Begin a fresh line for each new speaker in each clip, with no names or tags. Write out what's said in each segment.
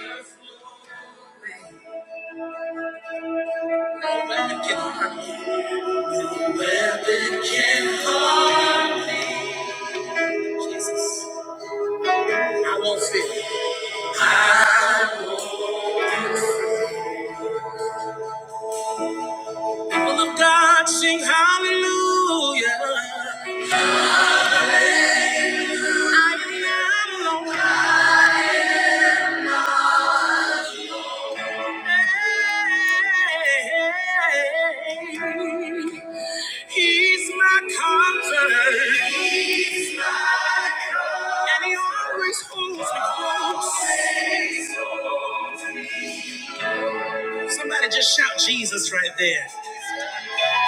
No No Jesus. I won't fear. People of God sing hallelujah. I am not alone. Hey, He's my comfort. He's my comfort. And he always holds me close. Always holds me Somebody just shout Jesus right there.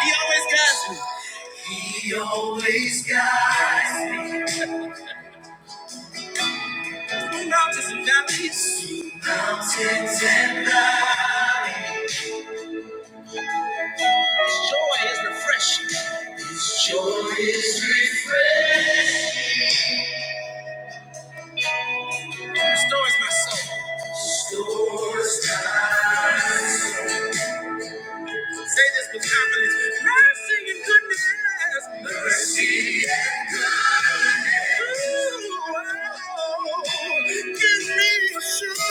He always guides me. He always guides me. Through mountains and valleys. Through mountains and valleys. His joy is refreshing. His joy is refreshing. Restores my soul. Restores my soul. Say this with confidence. Mercy and goodness. Mercy and goodness. Ooh, oh, give me assurance.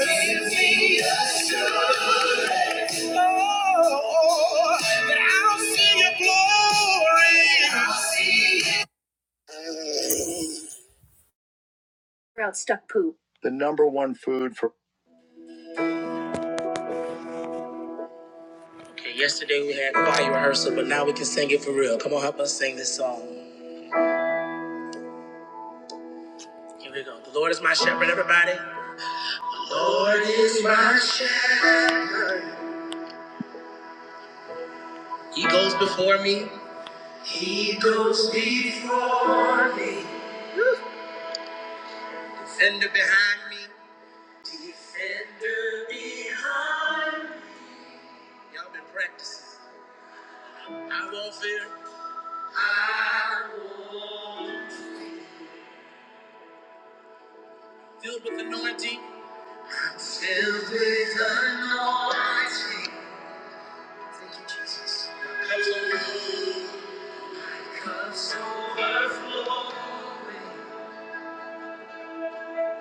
Give me assurance. Oh, that I'll see your glory. I'll see it. The number one food for. Okay, yesterday we had choir rehearsal, but now we can sing it for real. Come on, help us sing this song. Here we go. The Lord is my shepherd, everybody. is my shepherd. He goes before me. He goes before me. Fender behind me. Defend. Y'all been practicing. I won't fear. Filled with anointing. Comes over.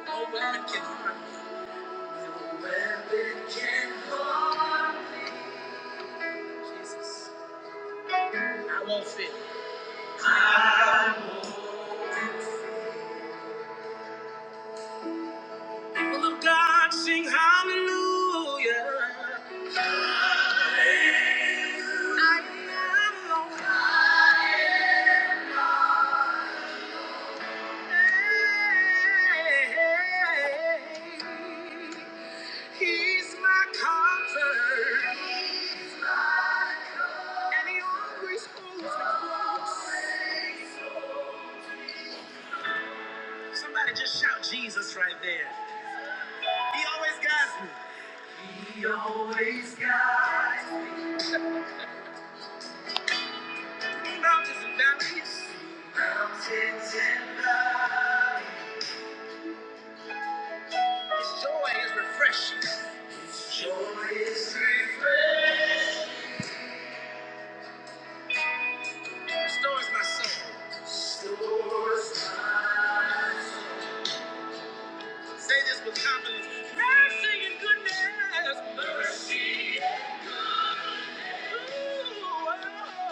No weapon can harm me. No weapon can harm me. Jesus. I won't fear. I won't. People of God sing hallelujah. He's my comfort. He's my comfort. And he always holds me close. Somebody just shout Jesus right there. He always guides me. He always guides me. Mountains and valleys. Mountains and valleys. His joy is refreshing. Joy is refreshing. Restores my soul. Say this with confidence. Mercy and goodness. Mercy. Ooh,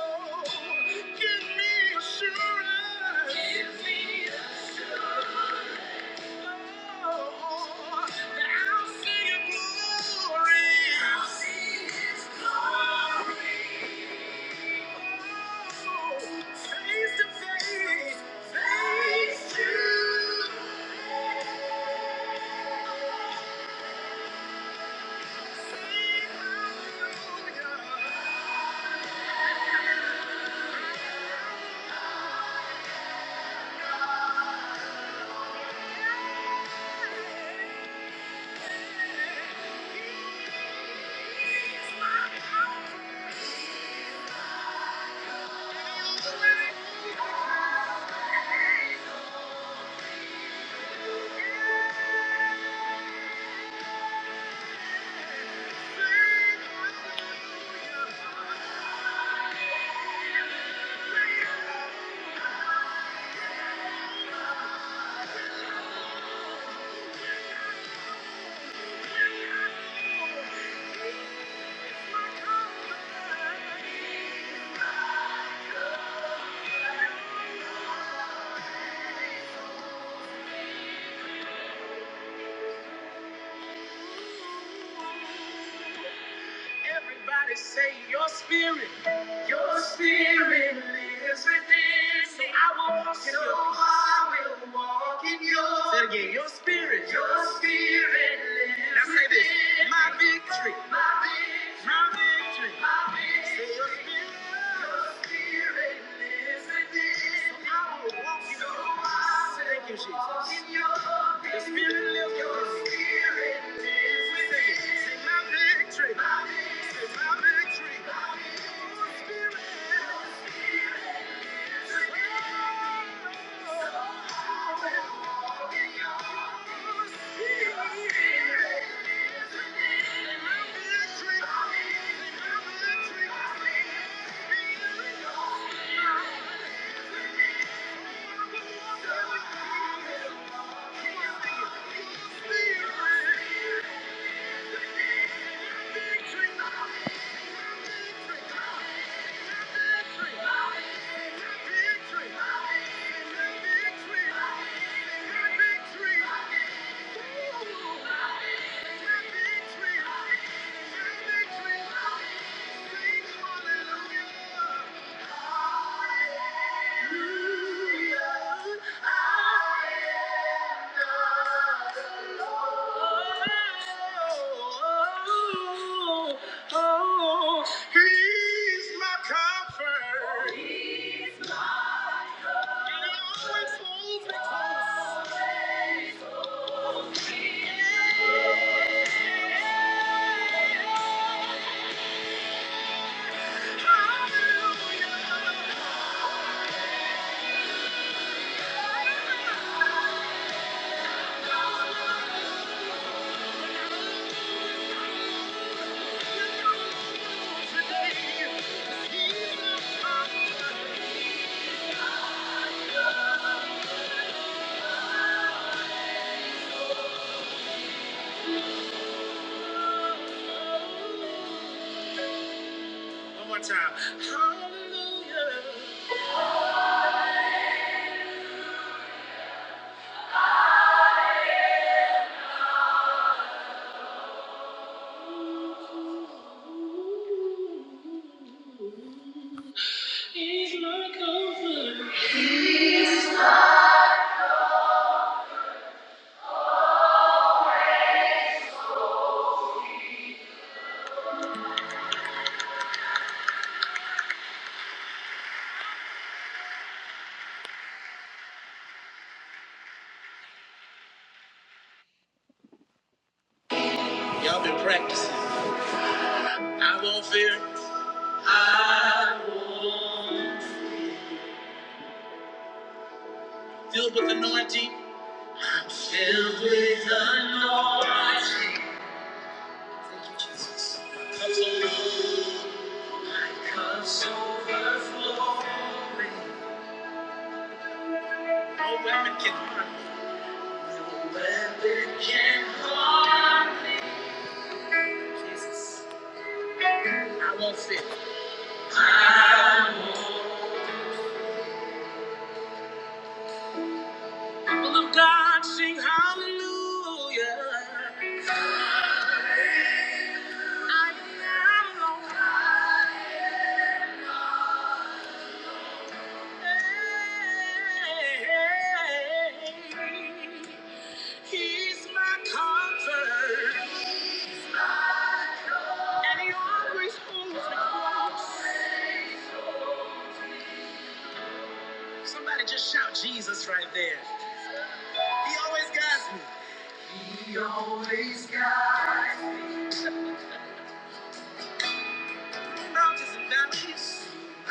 oh, give me assurance. Give me assurance. Thank you. Everybody say your spirit. I will walk in your peace. Say it again, your spirit. Your spirit. Now say this. My victory. My victory. My victory. Say your spirit. Thank you, Jesus. The Spirit lives within. Sing Sing my victory. Sing my victory. Thank you. Oh, Oh, he's my comfort. He always holds me close. Hallelujah. Today, he's my comfort. One more time. Hallelujah. Y'all been practicing. I won't fear. Filled with anointing. I'm filled with anointing. Thank you, Jesus. My cup's overflowing. No No Jesus. I won't fit. People of God sing hallelujah. I am alive. He's my comfort. And he always holds me. Somebody just shout Jesus right there. He always guides me. He always guides me. Mountains and valleys.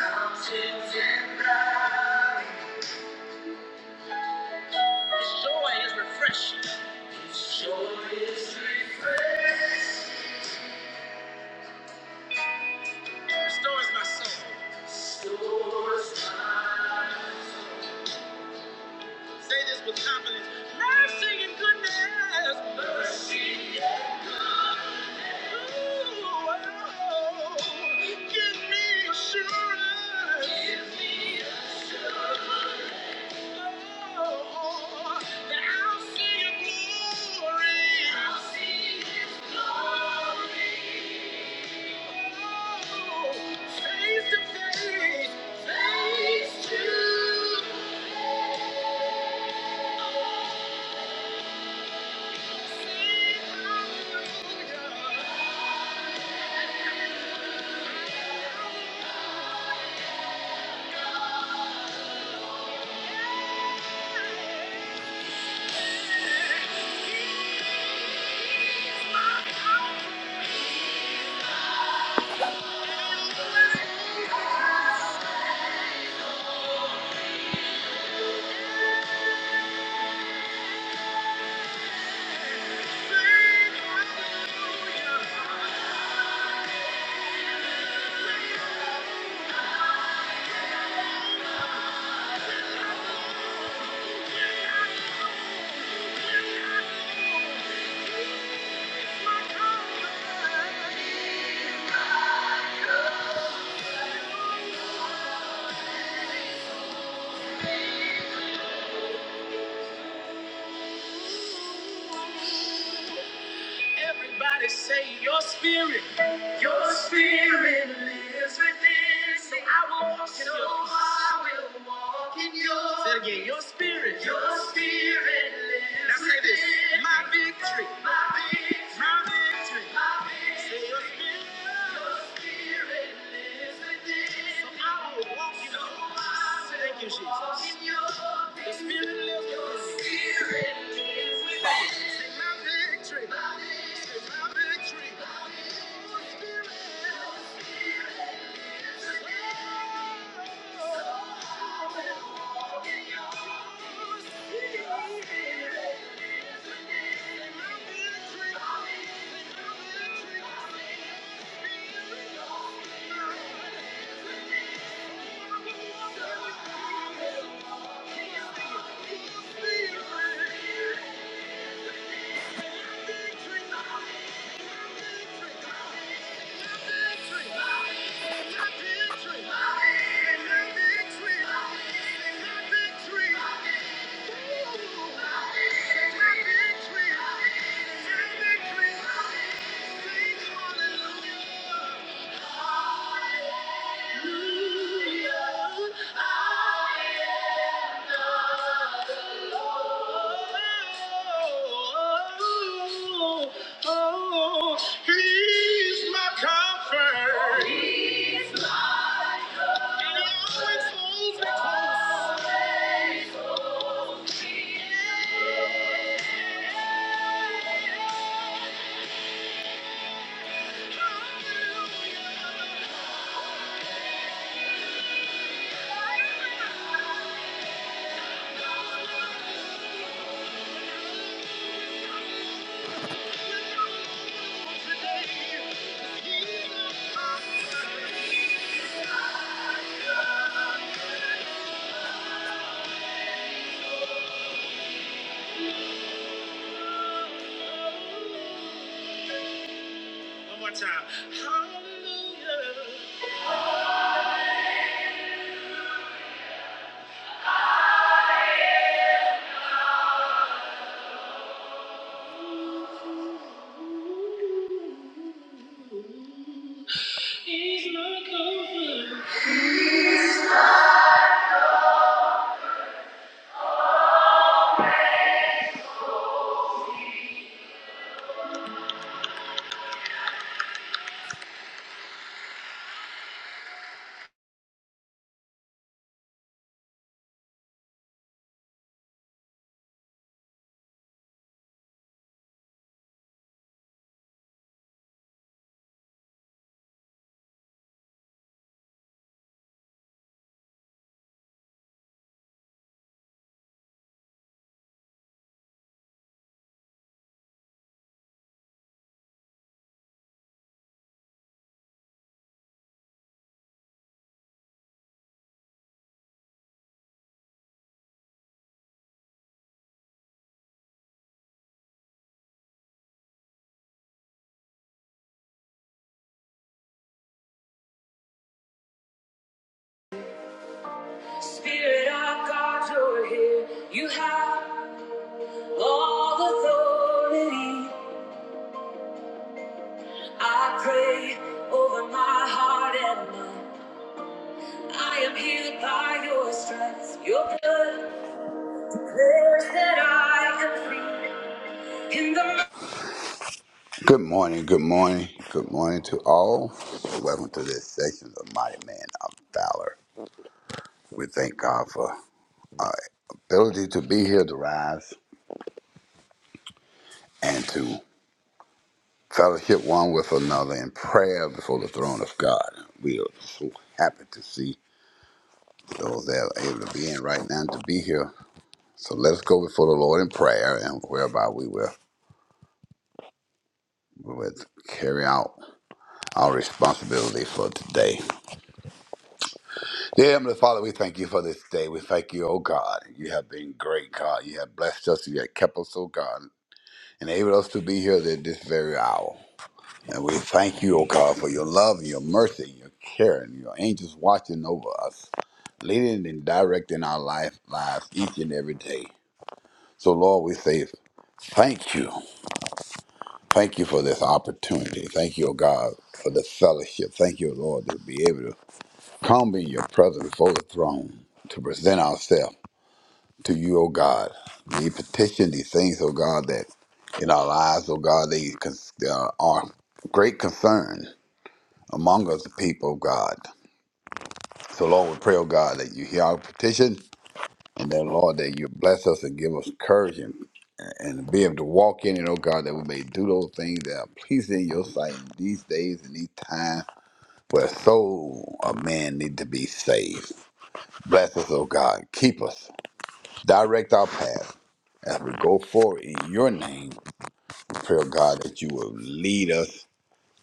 Mountains and valleys. His joy is refreshing. It Restores my soul. Say this with confidence. Mercy and goodness. Mercy and goodness. Ooh, oh, give me assurance. Give me assurance. Yeah. Thank you. Everybody say your spirit, your spirit lives within. Say I will walk in so your peace. I will walk in your. Say it again, your spirit, your spirit lives now say this, within. my victory, my victory, my victory, my victory. Say your spirit, your spirit lives within. So I will walk in your. So I will Thank you, Jesus. walk in your. The spirit lives within. Your spirit lives within. Say my victory. Thank you. He's my comfort. One more time. Hallelujah. You have all authority. I pray over my heart and mind. I am healed by your stripes. Your blood declares that I am free. In the
Good morning, good morning, good morning to all. Welcome to this section of Mighty Man of Valor. We thank God for our ability to be here to rise and to fellowship one with another in prayer before the throne of God. We are so happy to see those that are able to be in right now to be here. So let us go before the Lord in prayer and whereby we will, we will carry out our responsibility for today. Dear Heavenly Father, we thank you for this day. We thank you, oh God. You have been great, God. You have blessed us. You have kept us, oh God, and enabled us to be here at this very hour. And we thank you, oh God, for your love and your mercy and your care and your angels watching over us, leading and directing our life, lives each and every day. So, Lord, we say thank you. Thank you for this opportunity. Thank you, oh God, for the fellowship. Thank you, Lord, to be able to come in your presence before the throne to present ourselves to you, O God. We petition these things, O God, that in our lives, O God, they cons- uh, are are great concern among us, the people of God. So, Lord, we pray, O God, that you hear our petition and that, Lord, that you bless us and give us courage and, and be able to walk in it, O God, that we may do those things that are pleasing in your sight in these days and these times where soul of man need to be saved. Bless us, O God. Keep us. Direct our path as we go forward in your name. Pray, oh God, that you will lead us,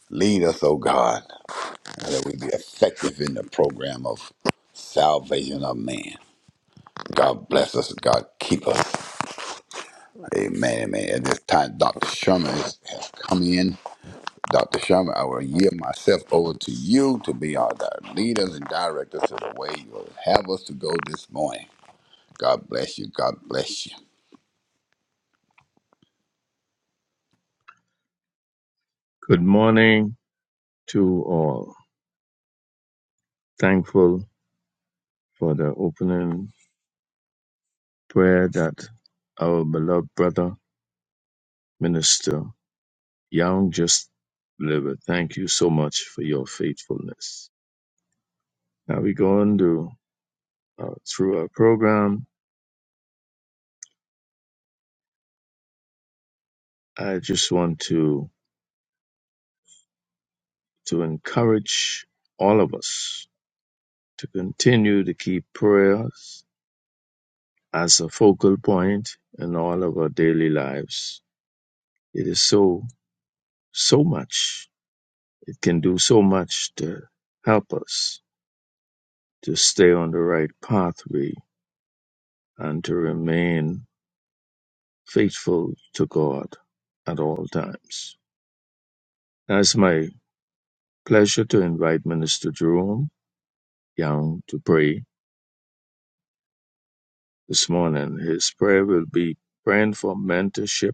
lead us, oh God, and that we be effective in the program of salvation of man. God bless us. God keep us. Amen. Amen. At this time, Dr. Sherman is- has come in. Dr. Sherman, I will yield myself over to you to be our di- leaders and directors to the way you will have us to go this morning. God bless you. God bless you.
Good morning to all. Thankful for the opening prayer that our beloved brother, Minister Young, just delivered. Thank you so much for your faithfulness. Now we go on to uh, through our program. I just want to to encourage all of us to continue to keep prayers as a focal point in all of our daily lives. It is so so much It can do so much to help us to stay on the right pathway and to remain faithful to God at all times. Now, it's my pleasure to invite Minister Jerome Young to pray this morning. His prayer will be praying for mentorship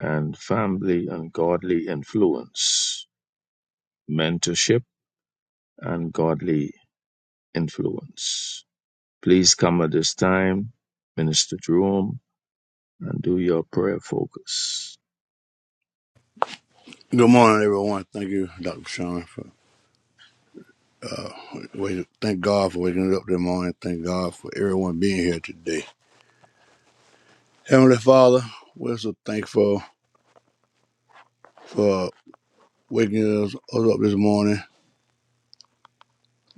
and family and godly influence. Mentorship and godly influence. Please come at this time, Minister Jerome and do your prayer focus.
Good morning, everyone. Thank you, Dr. Sean, for wait, thank God for waking us up this morning. Thank God for everyone being here today. Heavenly Father, we're so thankful for waking us up this morning.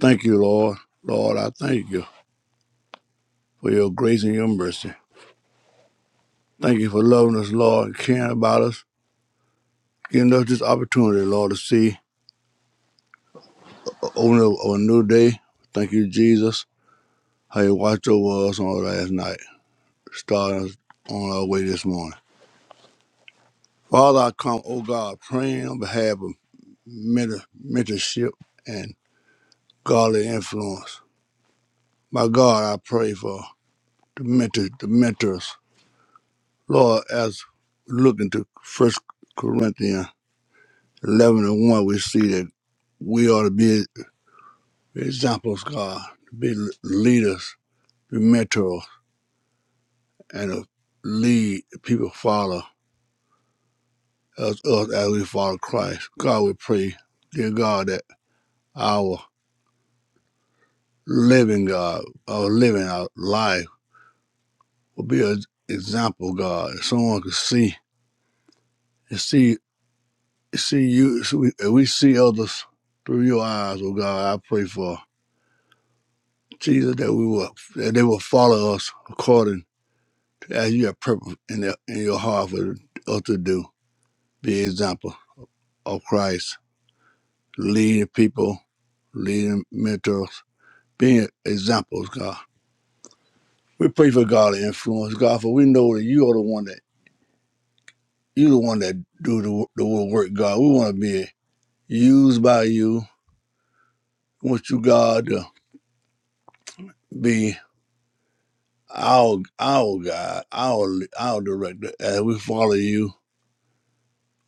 Thank you, Lord. Lord, I thank you for your grace and your mercy. Thank you for loving us, Lord, and caring about us, giving us this opportunity, Lord, to see a- open up a new day. Thank you, Jesus, how you watched over us on last night, starting us on our way this morning. Father, I come, O God, praying on behalf of mentor- mentorship and godly influence. My God, I pray for the mentors, the mentors. Lord, as we look into First Corinthians 11 and 1, we see that we ought to be examples, God, to be leaders, be mentors, and to lead people follow us, us as we follow Christ. God, we pray, dear God, that our living God or living our life will be an example, God. If someone could see and see see you, so we, if we see others through your eyes, oh God, I pray for Jesus that we will that they will follow us according to as you have purpose in their, in your heart for us to do. Be an example of Christ, leading people, leading mentors, being examples, God. We pray for God to influence God, for we know that you are the one that you the one that do the, the work, God. We want to be used by you. We want you, God, to be our our God, our our director. As we follow you,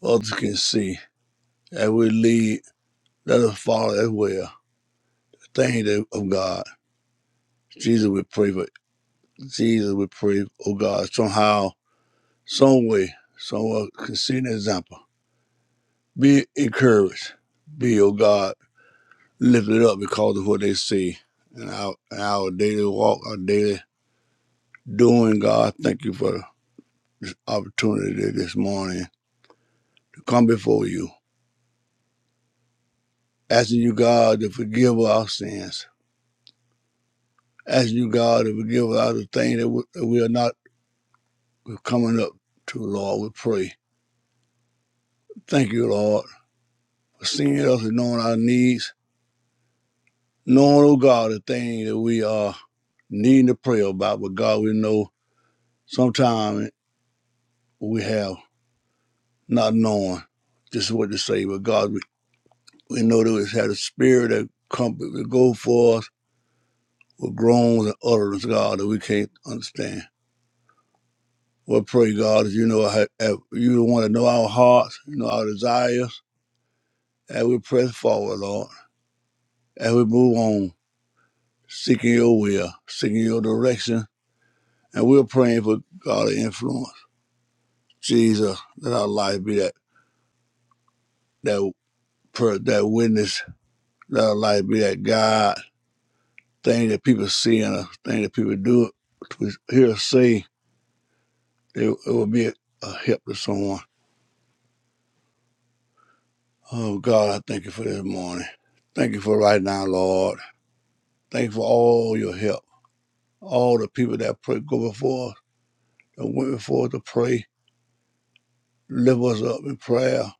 others can see. As we lead, let us follow as well. Thank you of God. Jesus, we pray for Jesus, we pray, oh God, somehow, some way, someone can see an example. Be encouraged. Be, oh God. lift it up because of what they see. And our, and our daily walk, our daily doing, God, thank you for the opportunity this morning to come before you. Asking you, God, to forgive our sins. Asking you, God, to forgive us all the things that we, that we are not coming up to, Lord. We pray. Thank you, Lord, for seeing us and knowing our needs. Knowing, oh God, the things that we are needing to pray about. But God, we know sometimes we have not known this is what to say, but God. We know that we had a spirit that comfort to go for us with groans and utterance, God, that we can't understand. We pray, God, as you know, how- you want to know our hearts, you know our desires, as we press forward, Lord, as we move on, seeking your will, seeking your direction, and we're praying for God's influence. Jesus, let our life be that that per, that witness, let our life be that God thing that people see in us, thing that people do, hear us say, It, it will be a, a help to someone. Oh God, I thank you for this morning. Thank you for right now, Lord. Thank you for all your help. All the people that pray, go before us, that went before us to pray, lift us up in prayer,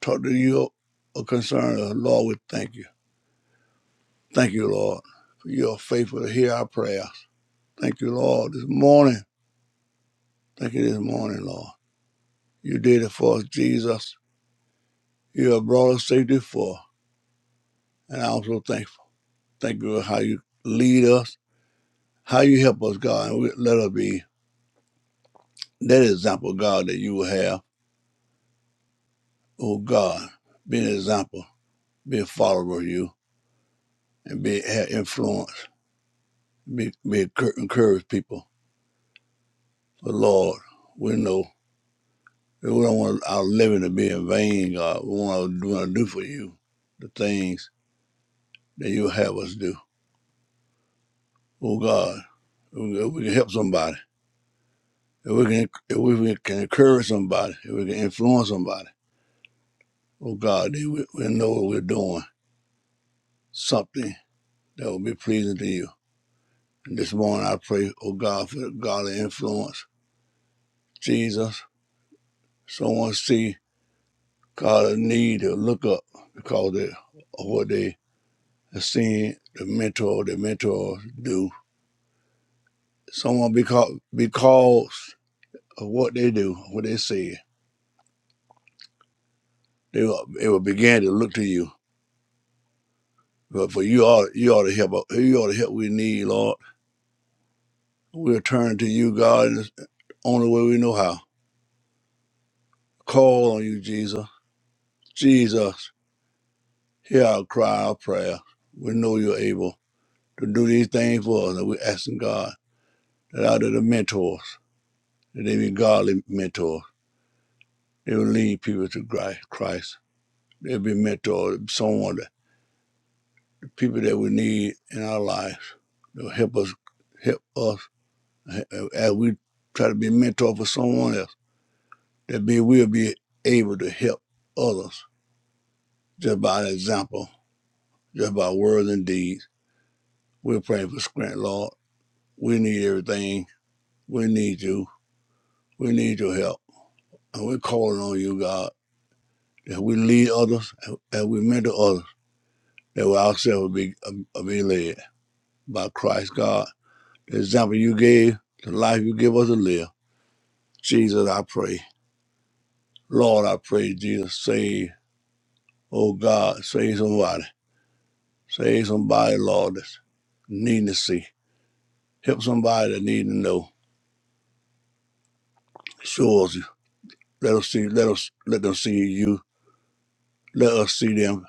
talk to you or concern us. Lord, we thank you. Thank you, Lord, for your faithful to hear our prayers. Thank you, Lord, this morning. Thank you this morning, Lord. You did it for us, Jesus. You have brought us safety for, and I'm so thankful. Thank you for how you lead us How you help us, God, and we- let us be that example, God, that you will have. Oh God, be an example, be a follower of you, and be have influence, be be encour- encourage people. But Lord, we know that we don't want our living to be in vain, God. We want to do, want to do for you the things that you have us do. Oh God, if we can help somebody, if we can, if we can encourage somebody, if we can influence somebody, oh God, they will, will know what we're doing, something that will be pleasing to you. And this morning I pray, oh God, for the godly influence. Jesus, someone see God a need to look up because of what they have seen the mentor, the mentors do. Someone because because of what they do, what they see, they will, they will begin to look to you. But for you all, you ought to help. You ought to help we need, Lord. We'll turn to you, God, in the only way we know how. Call on you, Jesus. Jesus. Hear our cry, our prayer. We know you're able to do these things for us, and we're asking God that out of the mentors, that they be godly mentors, they will lead people to Christ. Christ. They'll be mentors, someone, that, the people that we need in our lives to help us, help us uh, as we try to be mentor for someone else. That be we'll be able to help others just by an example, just by words and deeds. We're praying for Scranton, Lord. We need everything. We need you. We need your help. And we're calling on you, God, that we lead others and that we mentor others, that we ourselves will be, uh, uh, be led by Christ, God. The example you gave, the life you give us to live. Jesus, I pray. Lord, I pray, Jesus, save. Oh, God, save somebody. Save somebody, Lord, that's needing to see. Help somebody that need to know. Show us you. Let us see. Let us let them see you. Let us see them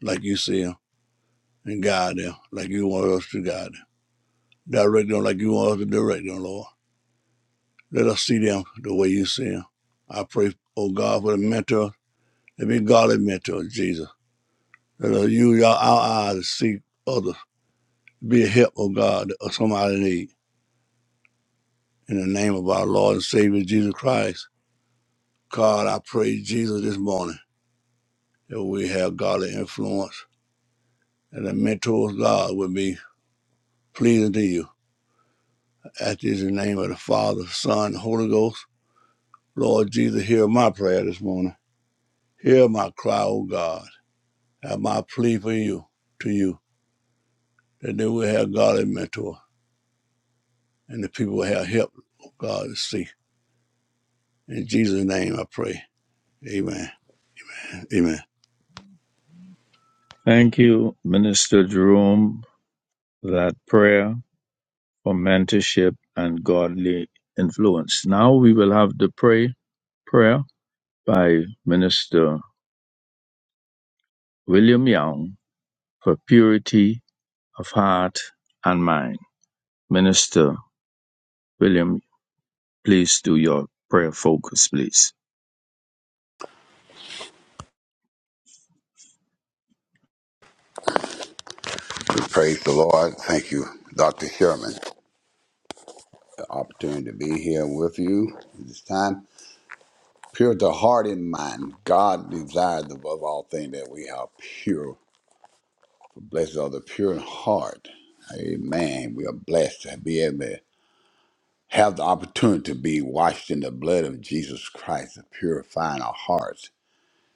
like you see them, and guide them like you want us to guide them. Direct them like you want us to direct them, Lord. Let us see them the way you see them. I pray, oh God, for the mentor. Let me be godly mentor, Jesus. Let us use our, our eyes to see others. Be a help, oh God, to somebody in need. In the name of our Lord and Savior Jesus Christ. God, I pray, Jesus, this morning that we have godly influence and the mentors, God, would be pleasing to you. At this in the name of the Father, Son, Holy Ghost. Lord Jesus, hear my prayer this morning. Hear my cry, O God. And my plea for you, to you, that they will have godly mentor and the people will have help, oh God, to see. In Jesus' name I pray. Amen. Amen.
Thank you, Minister Jerome, for that prayer for mentorship and godly influence. Now we will have the pray prayer by Minister William Young for purity of heart and mind. Minister William, please do your prayer focus, please.
We praise the Lord. Thank you, Dr. Sherman. the opportunity to be here with you at this time. Pure the heart and mind. God desires above all things that we are pure. Blessed are the pure in heart. Amen. We are blessed to be able to have the opportunity to be washed in the blood of Jesus Christ, to purifying our hearts.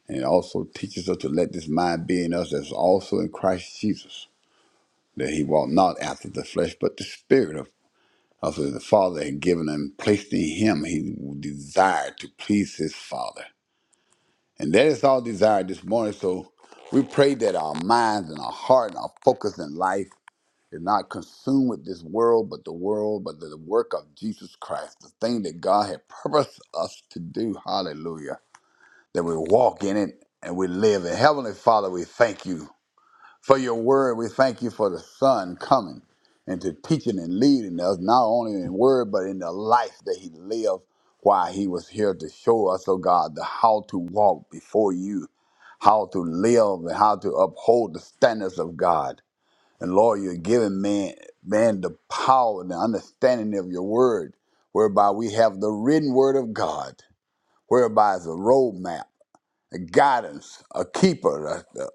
And it also teaches us to let this mind be in us that's also in Christ Jesus, that he walked not after the flesh, but the spirit Also, the Father had given him, placed in him, he desired to please his Father. And that is our desire this morning. So we pray that our minds and our heart and our focus in life is not consumed with this world, but the world, but the work of Jesus Christ, the thing that God had purposed us to do. Hallelujah. That we walk in it and we live in. Heavenly Father, we thank you for your word. We thank you for the Son coming and to teaching and leading us, not only in word, but in the life that He lived while He was here to show us, oh God, the how to walk before you, how to live, and how to uphold the standards of God. And Lord, you're giving man, man the power and the understanding of your word, whereby we have the written word of God, whereby it's a roadmap a guidance, a keeper, a, a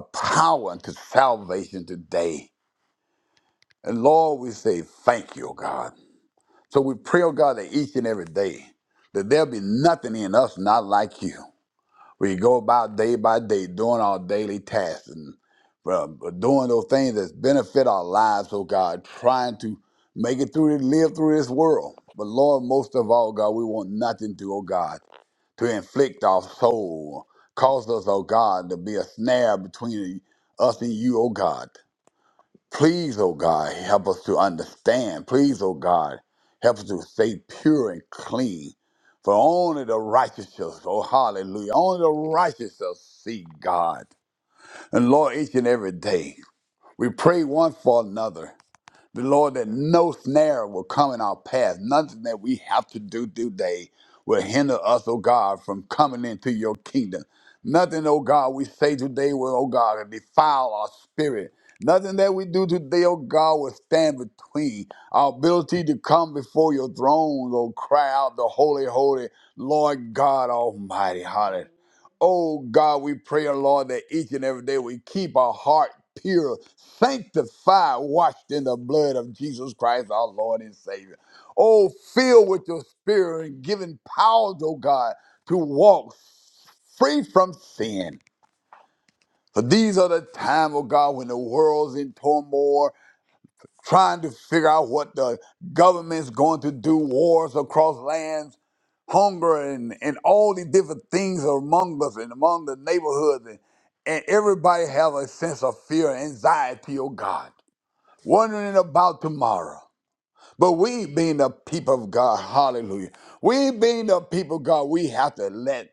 power unto salvation today. And Lord, we say thank you, oh God. So we pray, oh God, that each and every day that there be nothing in us not like you. We go about day by day doing our daily tasks and uh, doing those things that benefit our lives, oh God, trying to make it through, live through this world. But Lord, most of all, God, we want nothing to, oh God to inflict our soul. Cause us, O God, to be a snare between us and you, O God. Please, O God, help us to understand. Please, O God, help us to stay pure and clean. For only the righteous, shall- oh hallelujah, only the righteous shall see God. And Lord, each and every day, we pray one for another. The Lord, that no snare will come in our path. Nothing that we have to do today will hinder us, oh God, from coming into your kingdom. Nothing, oh God, we say today will, oh God, defile our spirit. Nothing that we do today, oh God, will stand between our ability to come before your throne, oh, cry out the holy, holy Lord God Almighty. Oh God, we pray, oh Lord, that each and every day we keep our heart pure, sanctified, washed in the blood of Jesus Christ, our Lord and Savior. Oh, filled with your spirit and given powers, oh God, to walk free from sin. For these are the time, oh God, when the world's in turmoil, trying to figure out what the government's going to do, wars across lands hunger and, and all the different things among us and among the neighborhoods and, and everybody have a sense of fear and anxiety, oh God, wondering about tomorrow. But we being the people of God, hallelujah. We being the people of God, we have to let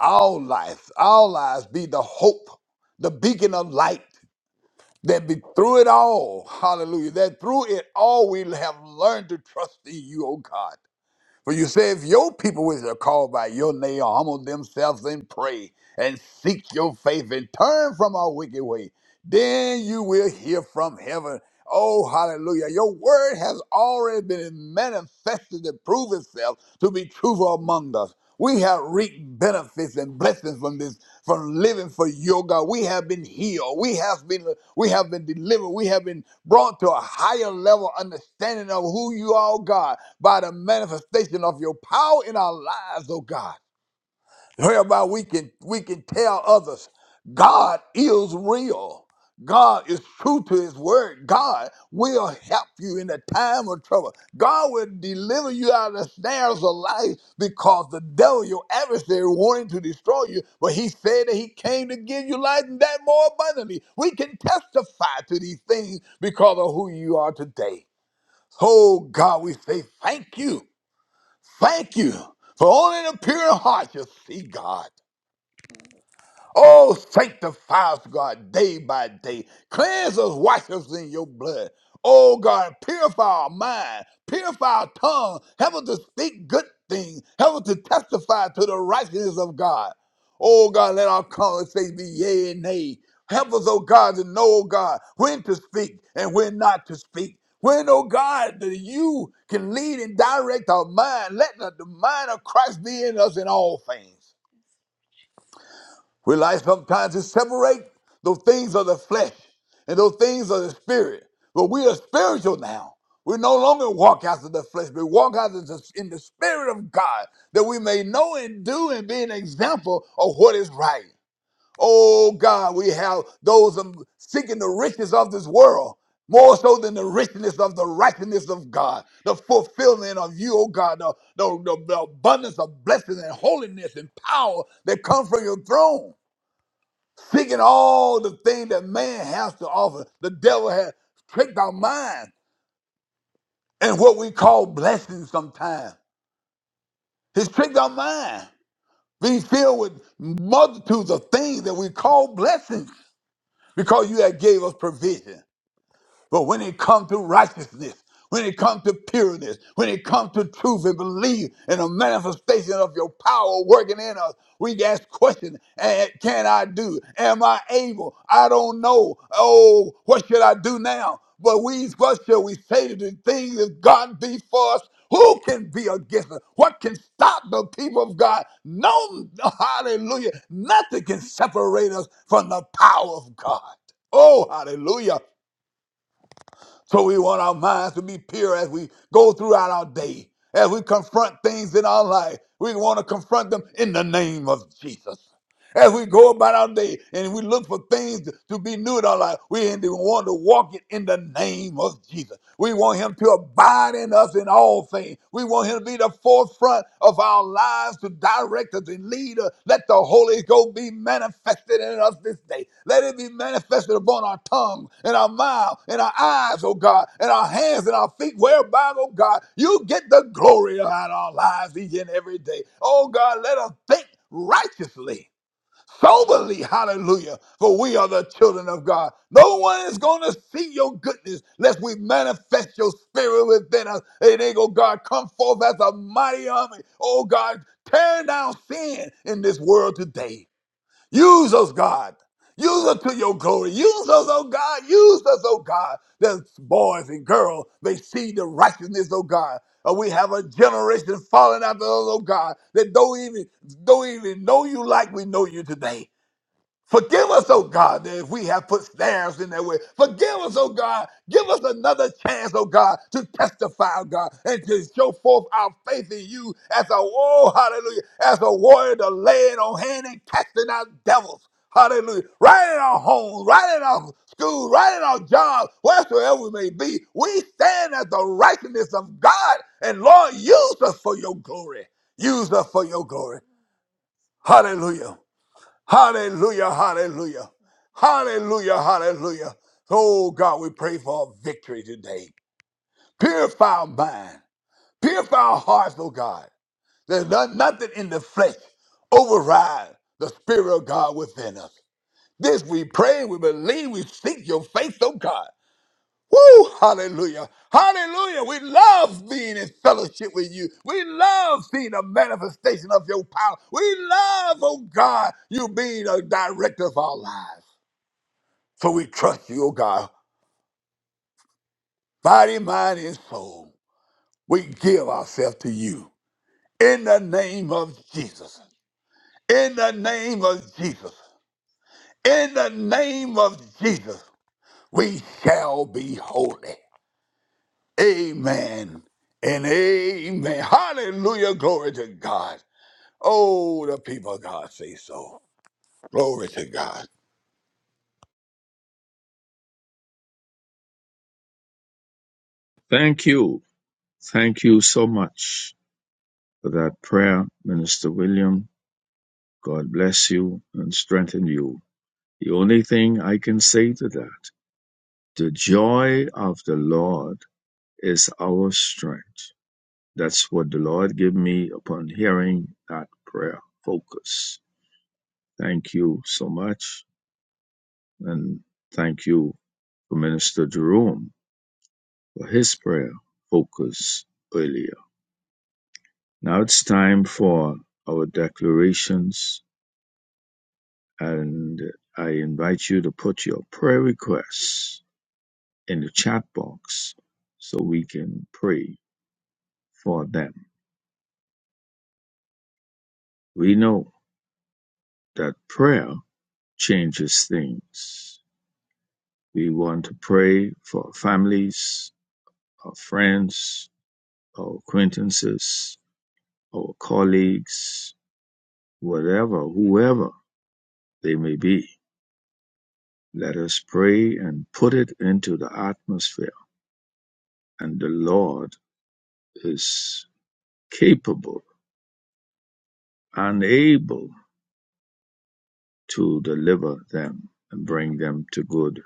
our life, our lives be the hope, the beacon of light that be through it all, hallelujah, that through it all we have learned to trust in you, oh God. For you say, if your people which are called by your name humble themselves and pray and seek your faith and turn from our wicked way, then you will hear from heaven. Oh, hallelujah. Your word has already been manifested to prove itself to be truthful among us. We have reaped benefits and blessings from this from living for your God. We have been healed. We have been we have been delivered. We have been brought to a higher level understanding of who you are, oh God, by the manifestation of your power in our lives, oh God whereby we can we can tell others God is real. God is true to his word. God will help you in a time of trouble. God will deliver you out of the snares of life because the devil, your adversary, wanted to destroy you, but he said that he came to give you life and that more abundantly. We can testify to these things because of who you are today. Oh God, we say thank you. Thank you. For only the pure in heart shall see God. Oh, sanctify us, God, day by day. Cleanse us, wash us in your blood. Oh, God, purify our mind, purify our tongue. Help us to speak good things. Help us to testify to the righteousness of God. Oh, God, let our conversations be yea and nay. Help us, oh God, to know, oh God, when to speak and when not to speak. When, oh God, that you can lead and direct our mind. Let the the mind of Christ be in us in all things. We like sometimes to separate those things of the flesh and those things of the spirit. But we are spiritual now. We no longer walk after the flesh, but walk after the, in the spirit of God, that we may know and do and be an example of what is right. Oh God, we have those um, seeking the riches of this world more so than the richness of the righteousness of God, the fulfillment of you, oh God, the, the, the, the abundance of blessings and holiness and power that come from your throne seeking all the things that man has to offer. The devil has tricked our mind and what we call blessings sometimes. He's tricked our mind. We filled with multitudes of things that we call blessings because you have gave us provision. But when it comes to righteousness, when it comes to pureness, when it comes to truth and belief and a manifestation of your power working in us, we ask questions. eh, Can I do? Am I able? I don't know. Oh, what should I do now? But we, what shall we say to the things if God be for us? Who can be against us? What can stop the people of God? No, hallelujah. Nothing can separate us from the power of God. Oh, hallelujah. So we want our minds to be pure as we go throughout our day, as we confront things in our life. We want to confront them in the name of Jesus. As we go about our day and we look for things to be new in our life, we we want to walk it in the name of Jesus. We want Him to abide in us in all things. We want Him to be the forefront of our lives, to direct us and lead us. Let the Holy Ghost be manifested in us this day. Let it be manifested upon our tongue, in our mouth, in our eyes, oh God, in our hands, in our feet, whereby, oh God, you get the glory out of our lives each and every day. Oh God, let us think righteously soberly. Hallelujah. For we are the children of God. No one is going to see your goodness lest we manifest your spirit within us. And they go, God, come forth as a mighty army. Oh, God, tear down sin in this world today. Use us, God. Use us to your glory. Use us, oh God. Use us, oh God. That boys and girls may see the righteousness, oh God. Uh, we have a generation falling after us, oh God, that don't even don't even know you like we know you today. Forgive us, oh God, that if we have put snares in their way. Forgive us, oh God. Give us another chance, oh God, to testify, oh God, and to show forth our faith in you as a, oh, hallelujah, as a warrior to laying on hand and casting out devils. Hallelujah. Right in our homes, right in our schools, right in our jobs, wheresoever we may be, we stand as the righteousness of God. And Lord, use us for your glory. Use us for your glory. Hallelujah. Hallelujah, hallelujah, hallelujah, hallelujah. Oh God, we pray for a victory today. Purify our mind, purify our hearts, oh God. There's no- nothing in the flesh override the Spirit of God within us. This we pray, we believe, we seek your face, oh God. Woo, hallelujah, hallelujah. We love being in fellowship with you. We love seeing a manifestation of your power. We love, oh God, you being a director of our lives. So we trust you, O God, body, mind, and soul. We give ourselves to you in the name of Jesus. In the name of Jesus. In the name of Jesus, we shall be holy. Amen and amen. Hallelujah. Glory to God. Oh, the people of God say so. Glory to God.
Thank you. Thank you so much for that prayer, Minister William. God bless you and strengthen you. The only thing I can say to that, the joy of the Lord is our strength. That's what the Lord gave me upon hearing that prayer. Focus. Thank you so much. And thank you for Minister Jerome for his prayer. Focus earlier. Now it's time for our declarations. And I invite you to put your prayer requests in the chat box so we can pray for them. We know that prayer changes things. We want to pray for families, our friends, our acquaintances, our colleagues, whatever, whoever they may be. Let us pray and put it into the atmosphere. And the Lord is capable and able to deliver them and bring them to good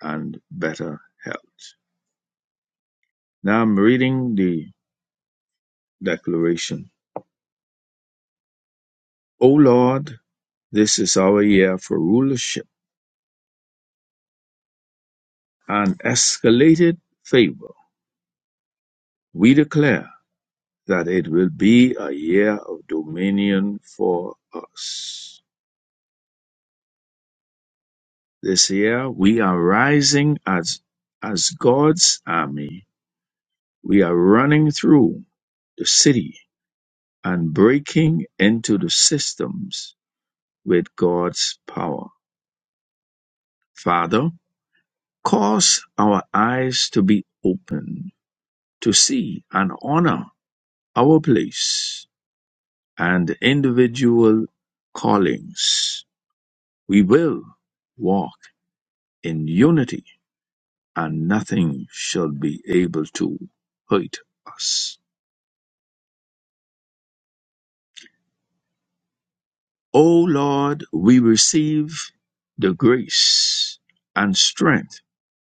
and better health. Now I'm reading the declaration, O Lord, this is our year for rulership and escalated favor. We declare that it will be a year of dominion for us. This year we are rising as, as God's army. We are running through the city and breaking into the systems with God's power. Father, cause our eyes to be opened to see and honor our place and individual callings. We will walk in unity and nothing shall be able to hurt us. O Lord, we receive the grace and strength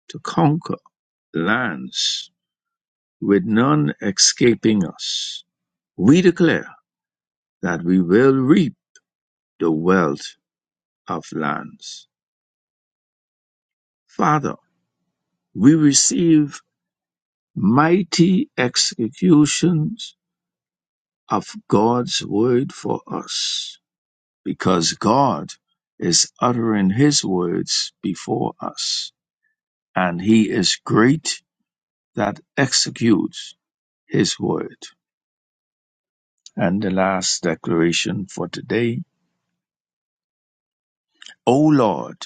to conquer lands with none escaping us. We declare that we will reap the wealth of lands. Father, we receive mighty executions of God's word for us because God is uttering his words before us and he is great that executes his word. And the last declaration for today, O Lord,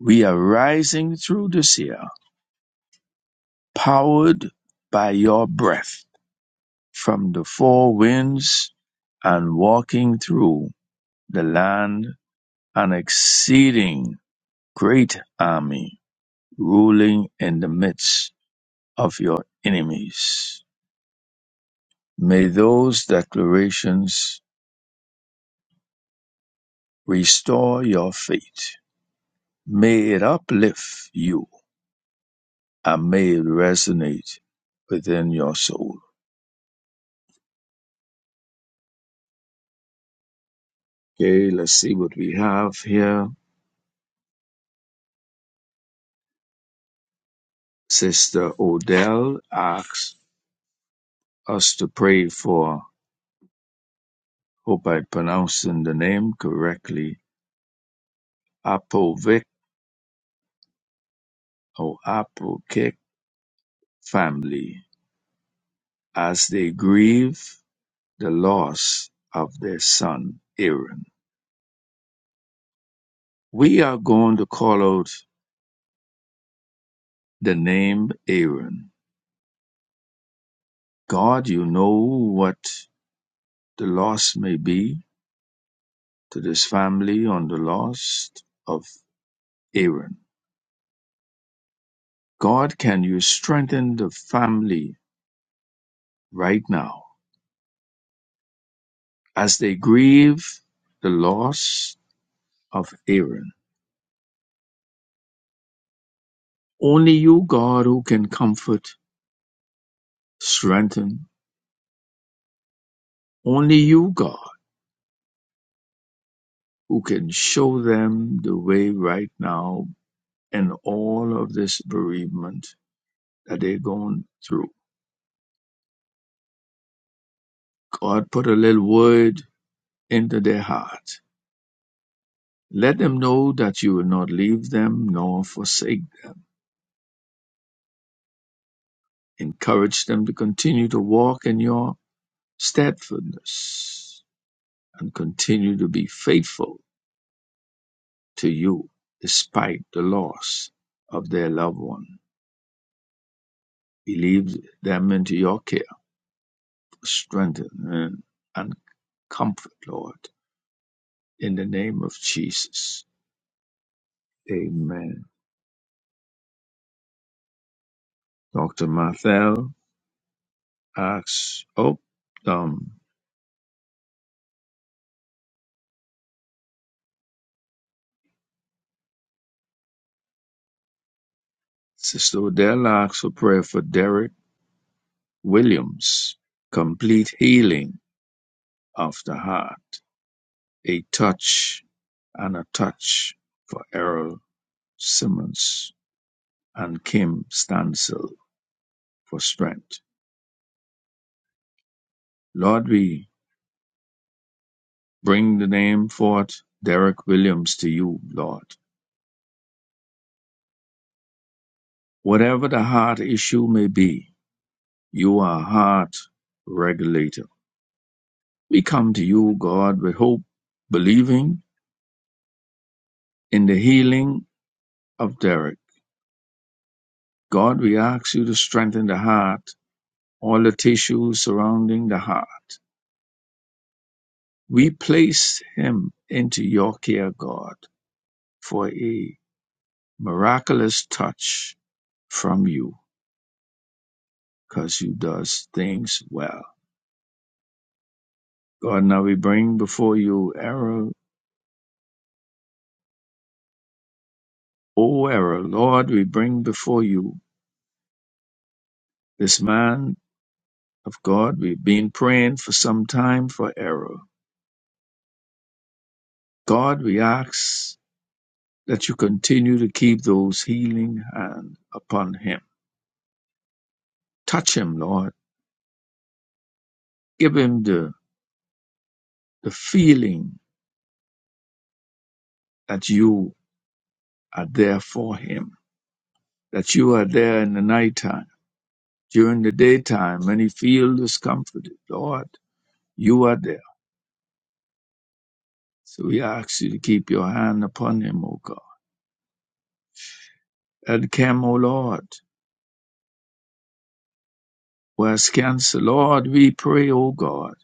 we are rising through this year powered by your breath from the four winds and walking through the land an exceeding great army ruling in the midst of your enemies. May those declarations restore your faith. May it uplift you and may it resonate within your soul. Okay, let's see what we have here. Sister Odell asks us to pray for, hope I'm pronouncing the name correctly, Apovic her Apostolic family as they grieve the loss of their son Aaron. We are going to call out the name Aaron. God, you know what the loss may be to this family on the loss of Aaron. God, can you strengthen the family right now as they grieve the loss of Aaron? Only you, God, who can comfort, strengthen, Only you, God, who can show them the way right now in all of this bereavement that they're going through. God, put a little word into their heart. Let them know that you will not leave them nor forsake them. Encourage them to continue to walk in your steadfastness and continue to be faithful to you despite the loss of their loved one. Believe them into your care strengthen and comfort, Lord, in the name of Jesus. Amen. Dr. Mathel asks, oh, um, Sister Odell asks for prayer for Derek Williams, complete healing of the heart, a touch and a touch for Errol Simmons and Kim Stansel for strength. Lord, we bring the name forth, Derek Williams, to you, Lord. Whatever the heart issue may be, you are a heart regulator. We come to you, God, with hope, believing in the healing of Derek. God, we ask you to strengthen the heart, all the tissues surrounding the heart. We place him into your care, God, for a miraculous touch from you, because you does things well. God, now we bring before you error O our Lord, we bring before you this man of God. We've been praying for some time for error. God, we ask that you continue to keep those healing hand upon him. Touch him, Lord. Give him the, the feeling that you are there for him, that you are there in the nighttime, during the daytime, when he feels discomforted. Lord, you are there. So we ask you to keep your hand upon him, O God. And come, O Lord. was canceled. Lord, we pray, O God,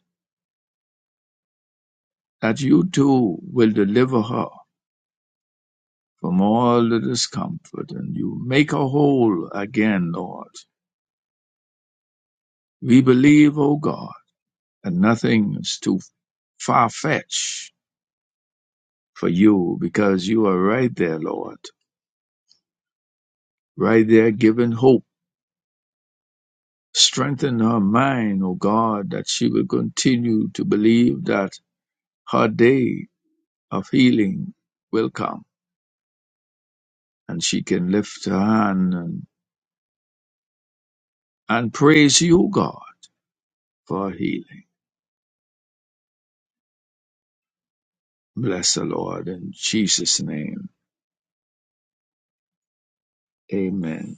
that you too will deliver her from all the discomfort and you make her whole again, Lord. We believe, O God, that nothing is too far fetched for you because you are right there, Lord, right there giving hope. Strengthen her mind, O God, that she will continue to believe that her day of healing will come and she can lift her hand and. and praise you, God, for healing. Bless the Lord in Jesus' name. Amen.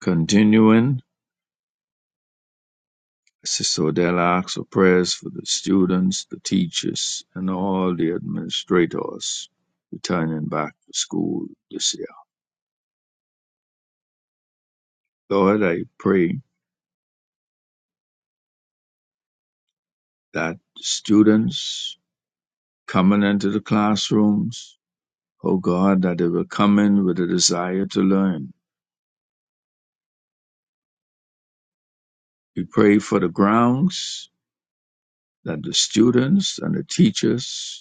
Continuing, Sister Odella asks for prayers for the students, the teachers, and all the administrators returning back to school this year. Lord, I pray that students coming into the classrooms, oh God, that they will come in with a desire to learn. We pray for the grounds that the students and the teachers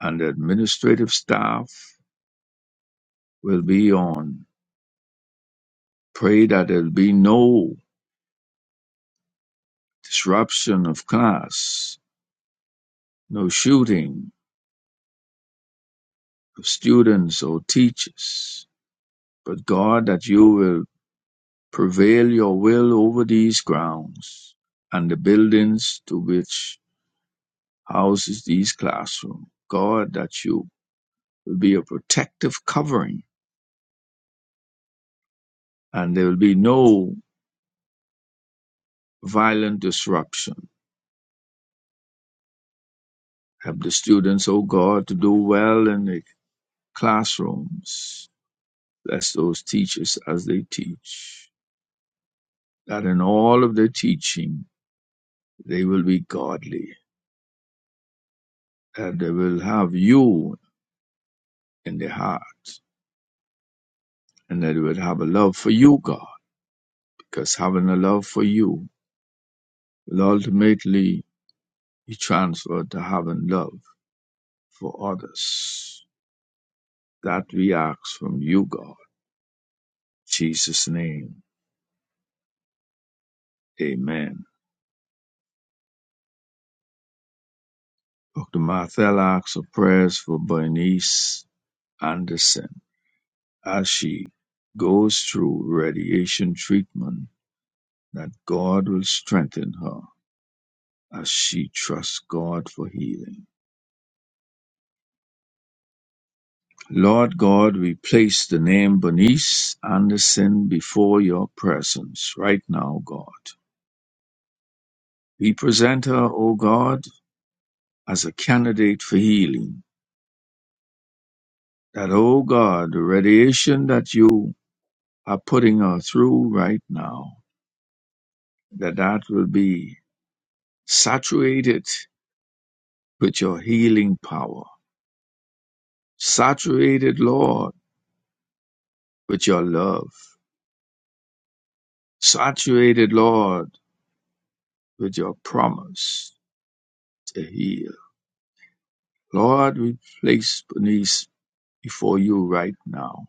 and the administrative staff will be on. Pray that there'll be no disruption of class, no shooting of students or teachers. But God, that you will prevail your will over these grounds and the buildings to which houses these classrooms. God, that you will be a protective covering and there will be no violent disruption. Help the students, O God, to do well in the classrooms. Bless those teachers as they teach, that in all of their teaching, they will be godly, that they will have you in their heart, and that they will have a love for you, God, because having a love for you will ultimately be transferred to having love for others. That we ask from you, God. In Jesus' name, amen. Dr. Marthel asks for prayers for Bernice Anderson. as she goes through radiation treatment that God will strengthen her as she trusts God for healing. Lord God, we place the name Bernice Anderson before your presence right now, God. We present her, O God, as a candidate for healing. That, O God, the radiation that you are putting her through right now, that that will be saturated with your healing power Saturated, Lord, with your love. Saturated, Lord, with your promise to heal. Lord, we place Bernice before you right now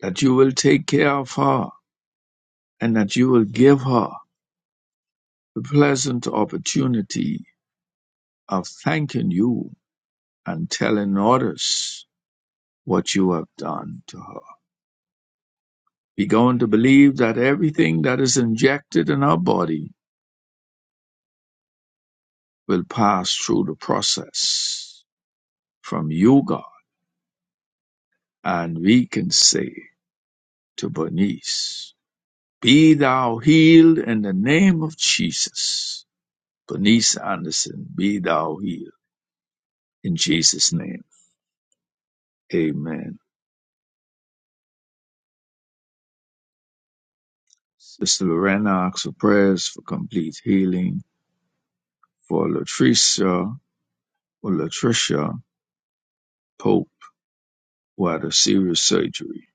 that you will take care of her and that you will give her the pleasant opportunity of thanking you and telling others what you have done to her. Be going to believe that everything that is injected in her body will pass through the process from Yoga, and we can say to Bernice, Be thou healed in the name of Jesus. Bernice Anderson, be thou healed in Jesus' name. Amen. Sister Lorena asks for prayers for complete healing for Latricia or Latricia Pope who had a serious surgery.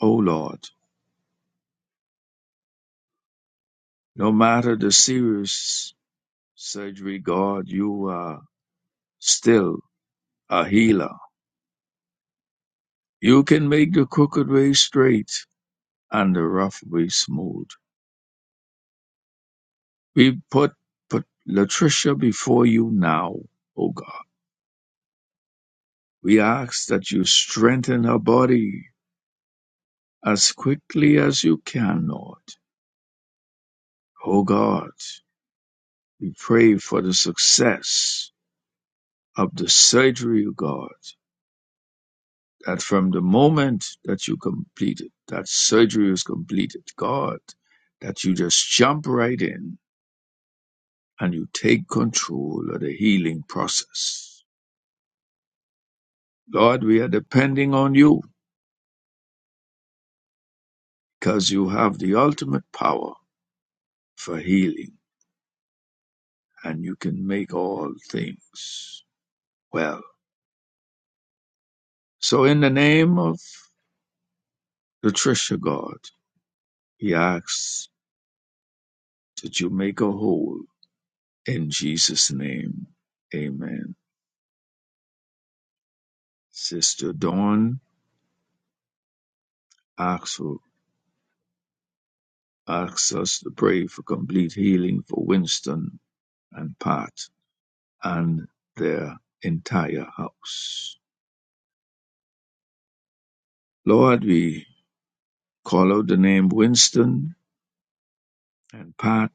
Oh Lord, no matter the serious surgery, God, you are still a healer You can make the crooked way straight and the rough way smooth. We put, put Latricia before you now, O God. We ask that you strengthen her body as quickly as you can, Lord. O God, we pray for the success of the surgery, O God, that from the moment that you complete it, that surgery is completed, God, that you just jump right in and you take control of the healing process. Lord, we are depending on you because you have the ultimate power for healing and you can make all things well. So, in the name of Latricia, God, he asks that you make her whole in Jesus' name. Amen. Sister Dawn asks, for, asks us to pray for complete healing for Winston and Pat. and their entire house. Lord, we call out the name Winston and Pat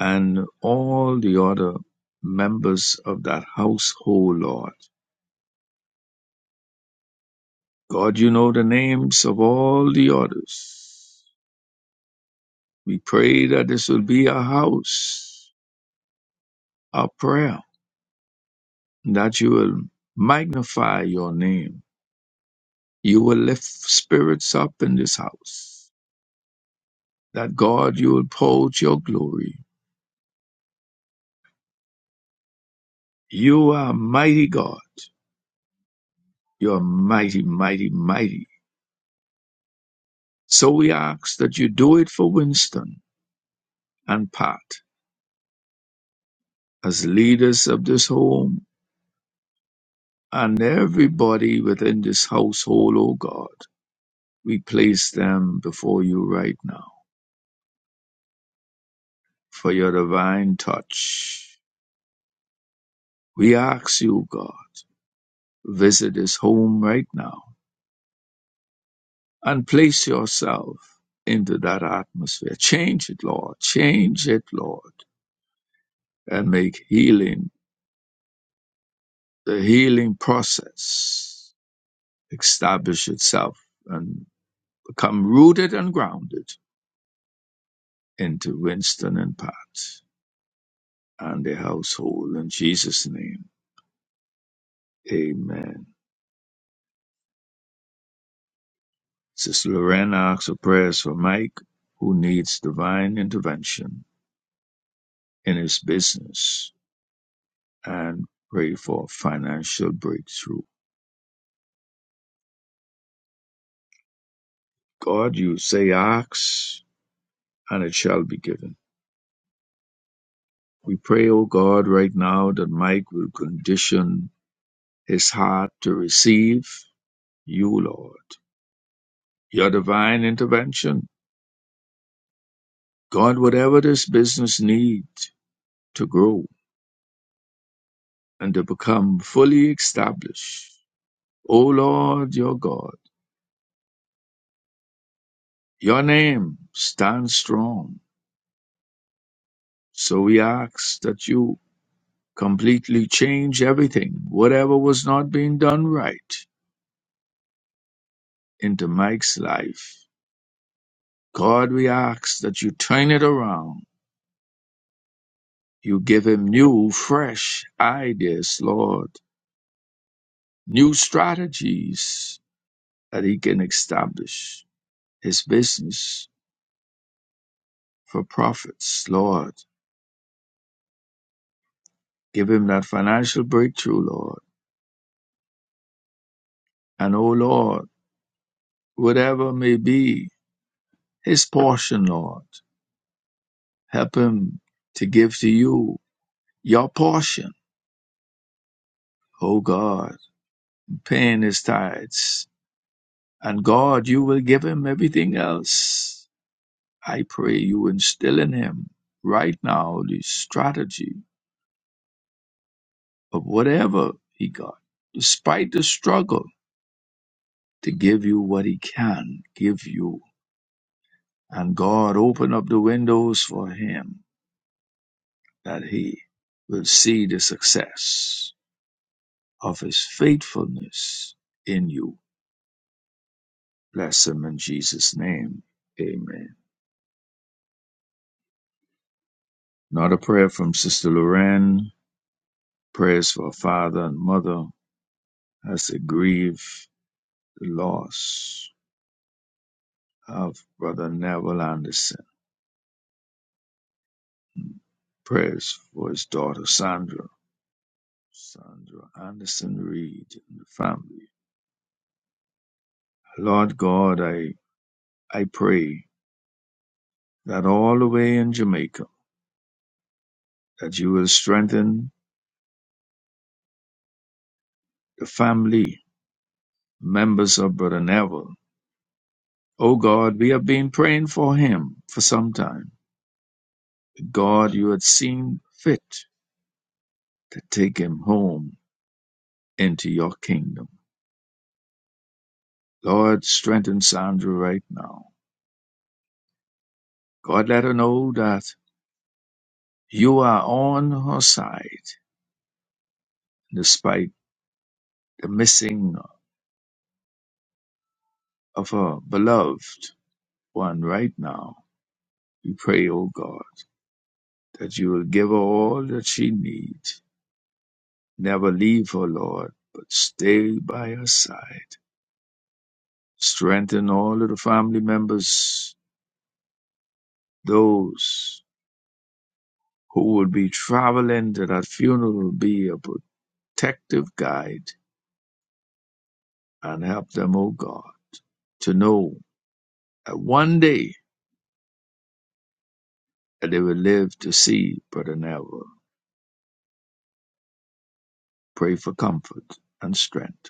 and all the other members of that household, Lord. God, you know the names of all the others. We pray that this will be a house, a prayer, that you will magnify your name. You will lift spirits up in this house. That God, you will pour out your glory You are mighty God. You are mighty, mighty, mighty. So we ask that you do it for Winston and Pat as leaders of this home and everybody within this household, O God. We place them before you right now for your divine touch. We ask you, God, visit this home right now and place yourself into that atmosphere. Change it, Lord. Change it, Lord and make healing the healing process establish itself and become rooted and grounded into Winston and Pat and their household in Jesus' name. Amen. Sister Lorena asks for prayers for Mike, who needs divine intervention in his business and pray for financial breakthrough. God, you say ask and it shall be given. We pray, O God, right now that Mike will condition It's hard to receive you, Lord, your divine intervention. God, whatever this business needs to grow and to become fully established, O Lord, your God, your name stands strong. So we ask that you completely change everything, whatever was not being done right, into Mike's life. God, we ask that you turn it around. You give him new, fresh ideas, Lord new strategies that he can establish his business for profits, Lord. Give him that financial breakthrough, Lord. And oh Lord, whatever may be his portion, Lord, help him to give to you your portion, oh God, paying his tithes. And God, you will give him everything else. I pray you instill in him right now the strategy of whatever he got, despite the struggle, to give you what he can give you. And God open up the windows for him that he will see the success of his faithfulness in you. Bless him in Jesus' name. Amen. Another prayer from Sister Lorraine. Prayers for father and mother as they grieve the loss of Brother Neville Anderson. Press for his daughter Sandra, Sandra Anderson Reed, and the family. Lord God, I, I pray that all the way in Jamaica, that you will strengthen the family, members of Brother Neville. Oh God, we have been praying for him for some time. God, you had seen fit to take him home into your kingdom. Lord, strengthen Sandra right now. God, let her know that you are on her side despite the missing of her beloved one right now. We pray, O God, that you will give her all that she needs. Never leave her, Lord, but stay by her side. Strengthen all of the family members, those who will be traveling to that funeral, be a protective guide and help them, O God, to know that one day that they will live to see but never Pray for comfort and strength.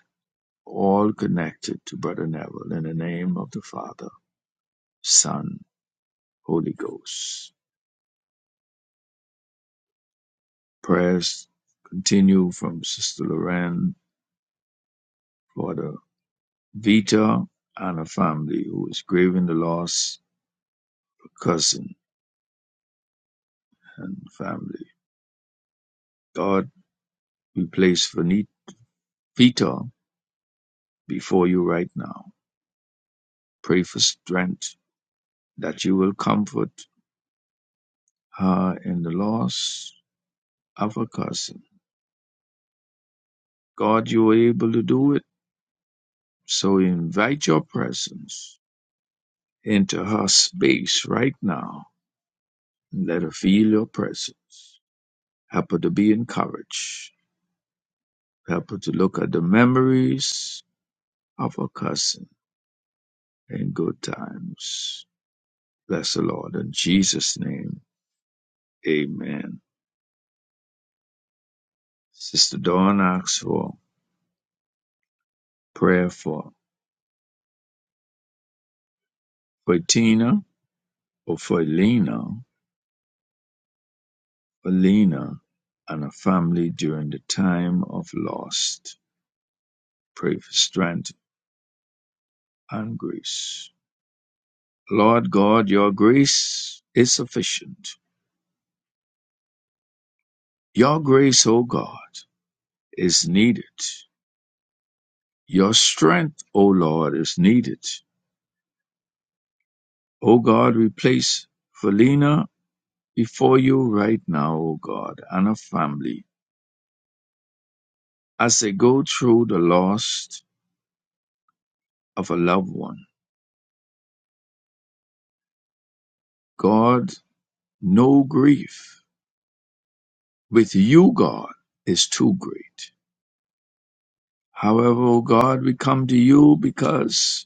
all connected to Brother Neville in the name of the Father, Son, Holy Ghost. Prayers continue from Sister Lorraine for the Vita and her family who is grieving the loss of a cousin and family. God, we place Vita before you right now. Pray for strength that you will comfort her in the loss of her cousin. God, you are able to do it, so we invite your presence into her space right now and let her feel your presence. Help her to be encouraged. Help her to look at the memories of her cousin in good times. Bless the Lord. In Jesus' name, amen. Sister Dawn asks for prayer for, for Tina or for Elena, for Lena and her family during the time of loss. Pray for strength and grace. Lord God, your grace is sufficient. Your grace, O God, is needed. Your strength, O Lord, is needed. O God, we place Felina before you right now, O God, and her family as they go through the loss of a loved one. God, no grief with you, God, is too great. However, O God, we come to you because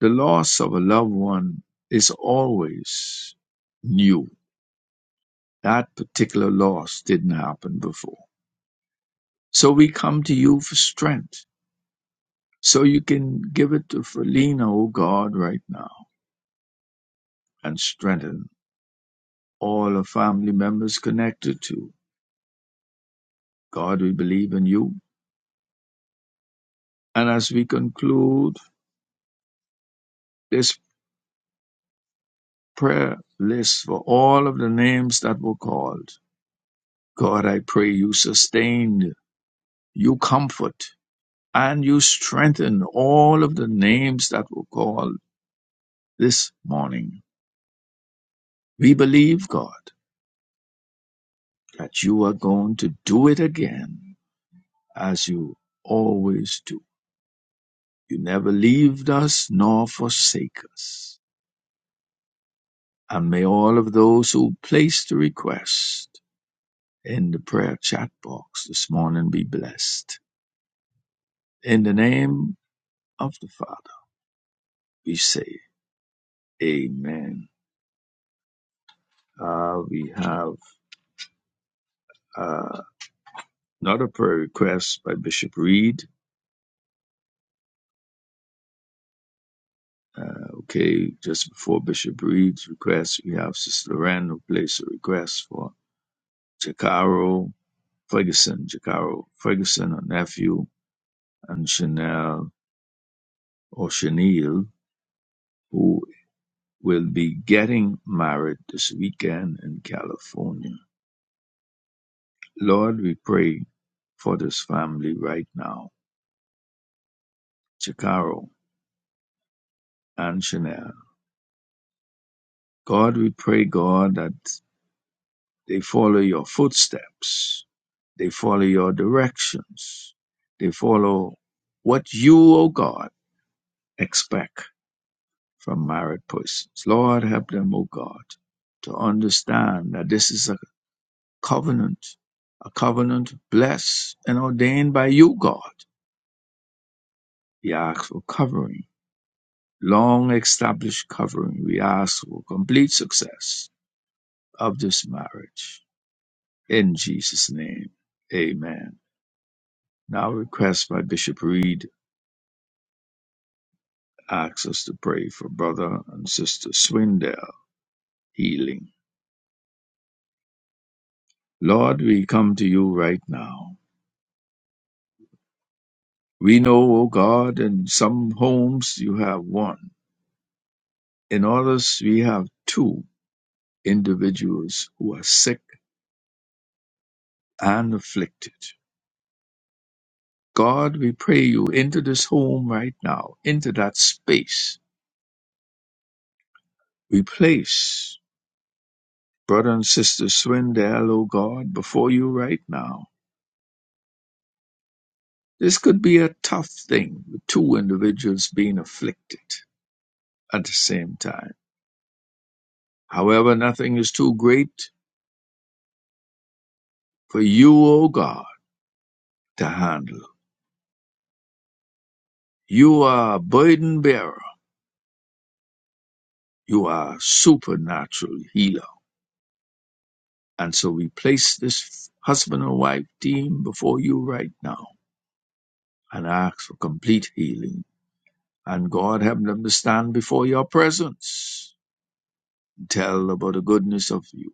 The loss of a loved one is always new. That particular loss didn't happen before. So we come to you for strength. So you can give it to Felina, oh God, right now and strengthen all the family members connected to. God, we believe in you. And as we conclude this prayer list for all of the names that were called, God, I pray you sustain, you comfort, and you strengthen all of the names that were called this morning. We believe, God, that you are going to do it again as you always do. You never leave us nor forsake us. And may all of those who placed the request in the prayer chat box this morning be blessed. In the name of the Father, we say, Amen. Uh, we have. uh, Another prayer request by Bishop Reed. Uh, okay, just before Bishop Reed's request, we have Sister Loren who placed a request for Jacaro Ferguson, Jacaro Ferguson, her nephew, and Chanel or Chanel, who will be getting married this weekend in California. Lord, we pray for this family right now, Jacaro and Chanel. God, we pray, God, that They follow your footsteps. They follow your directions. They follow what you, O God, expect from married persons. Lord, help them, O God, to understand that this is a covenant, a covenant blessed and ordained by you, God. We ask for covering, long established covering. We ask for complete success of this marriage. In Jesus' name, amen. Now request by Bishop Reed asks us to pray for brother and sister Swindell healing. Lord, we come to you right now. We know, O God, in some homes you have one. In others, we have two individuals who are sick and afflicted. God, we pray you into this home right now, into that space. We place brother and sister Swindell, O God, before you right now. This could be a tough thing with two individuals being afflicted at the same time. However, nothing is too great for you, O God, to handle. You are a burden bearer. You are a supernatural healer. And so we place this husband and wife team before you right now and ask for complete healing. And God help them to stand before your presence. and Tell about the goodness of you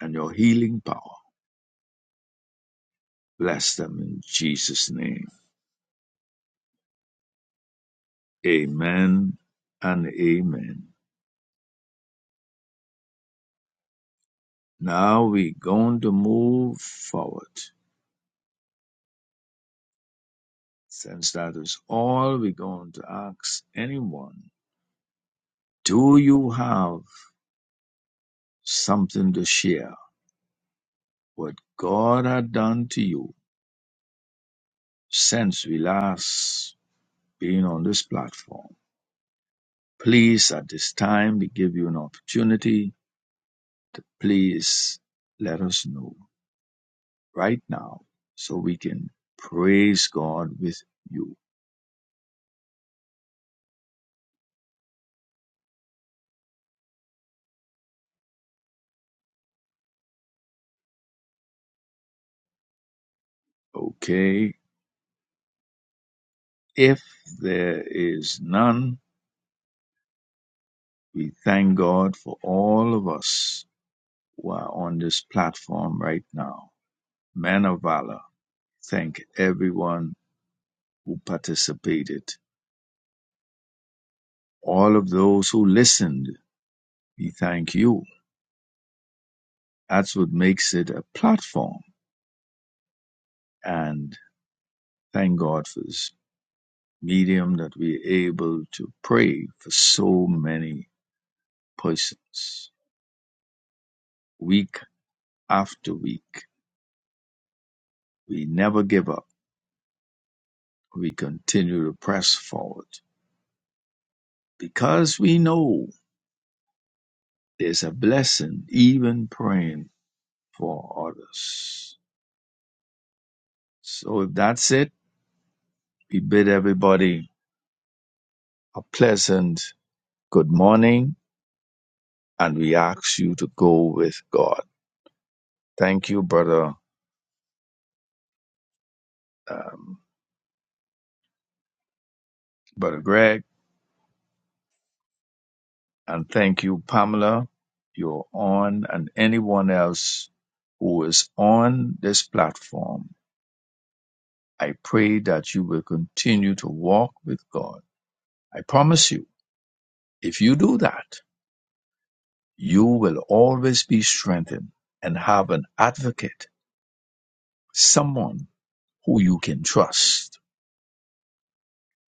and your healing power. Bless them in Jesus' name. Amen and amen. Now we're going to move forward. Since that is all, we're going to ask anyone, do you have something to share? What God had done to you since we last been on this platform? Please, at this time, we give you an opportunity to please let us know right now so we can praise God with you. Okay? If there is none, we thank God for all of us who are on this platform right now. Men of valor, thank everyone who participated. All of those who listened, we thank you. That's what makes it a platform. And thank God for this medium that we are able to pray for so many persons. Week after week, we never give up we continue to press forward because we know there's a blessing even praying for others. So if that's it, we bid everybody a pleasant good morning and we ask you to go with God. Thank you, brother, um, brother Greg, and thank you, Pamela. You're on and anyone else who is on this platform. I pray that you will continue to walk with God I promise you, if you do that, you will always be strengthened and have an advocate, someone who you can trust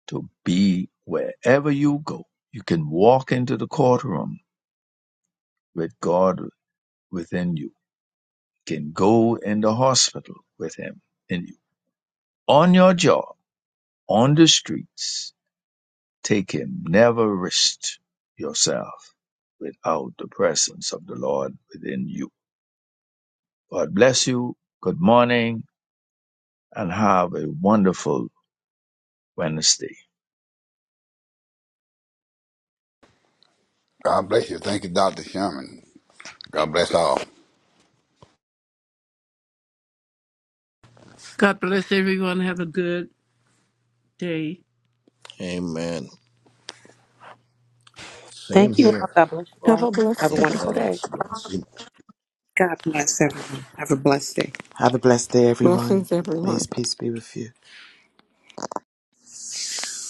to be wherever you go. You can walk into the courtroom with God within you, You can go in the hospital with Him in you. On your job, on the streets, take Him. Never risk yourself without the presence of the Lord within you. God bless you. Good morning and have a wonderful Wednesday.
God bless you. Thank you, Dr. Sherman. God bless all.
God bless everyone. Have a good day. Amen. Same
Thank you all.
here.
God bless you
Have
all.
a
Have
blessed
a
May
day.
wonderful day.
God's blessing.
God bless everyone. Have a blessed
Have a blessed day, everyone.
Blessings,
May
everyone.
His peace be with you.
day.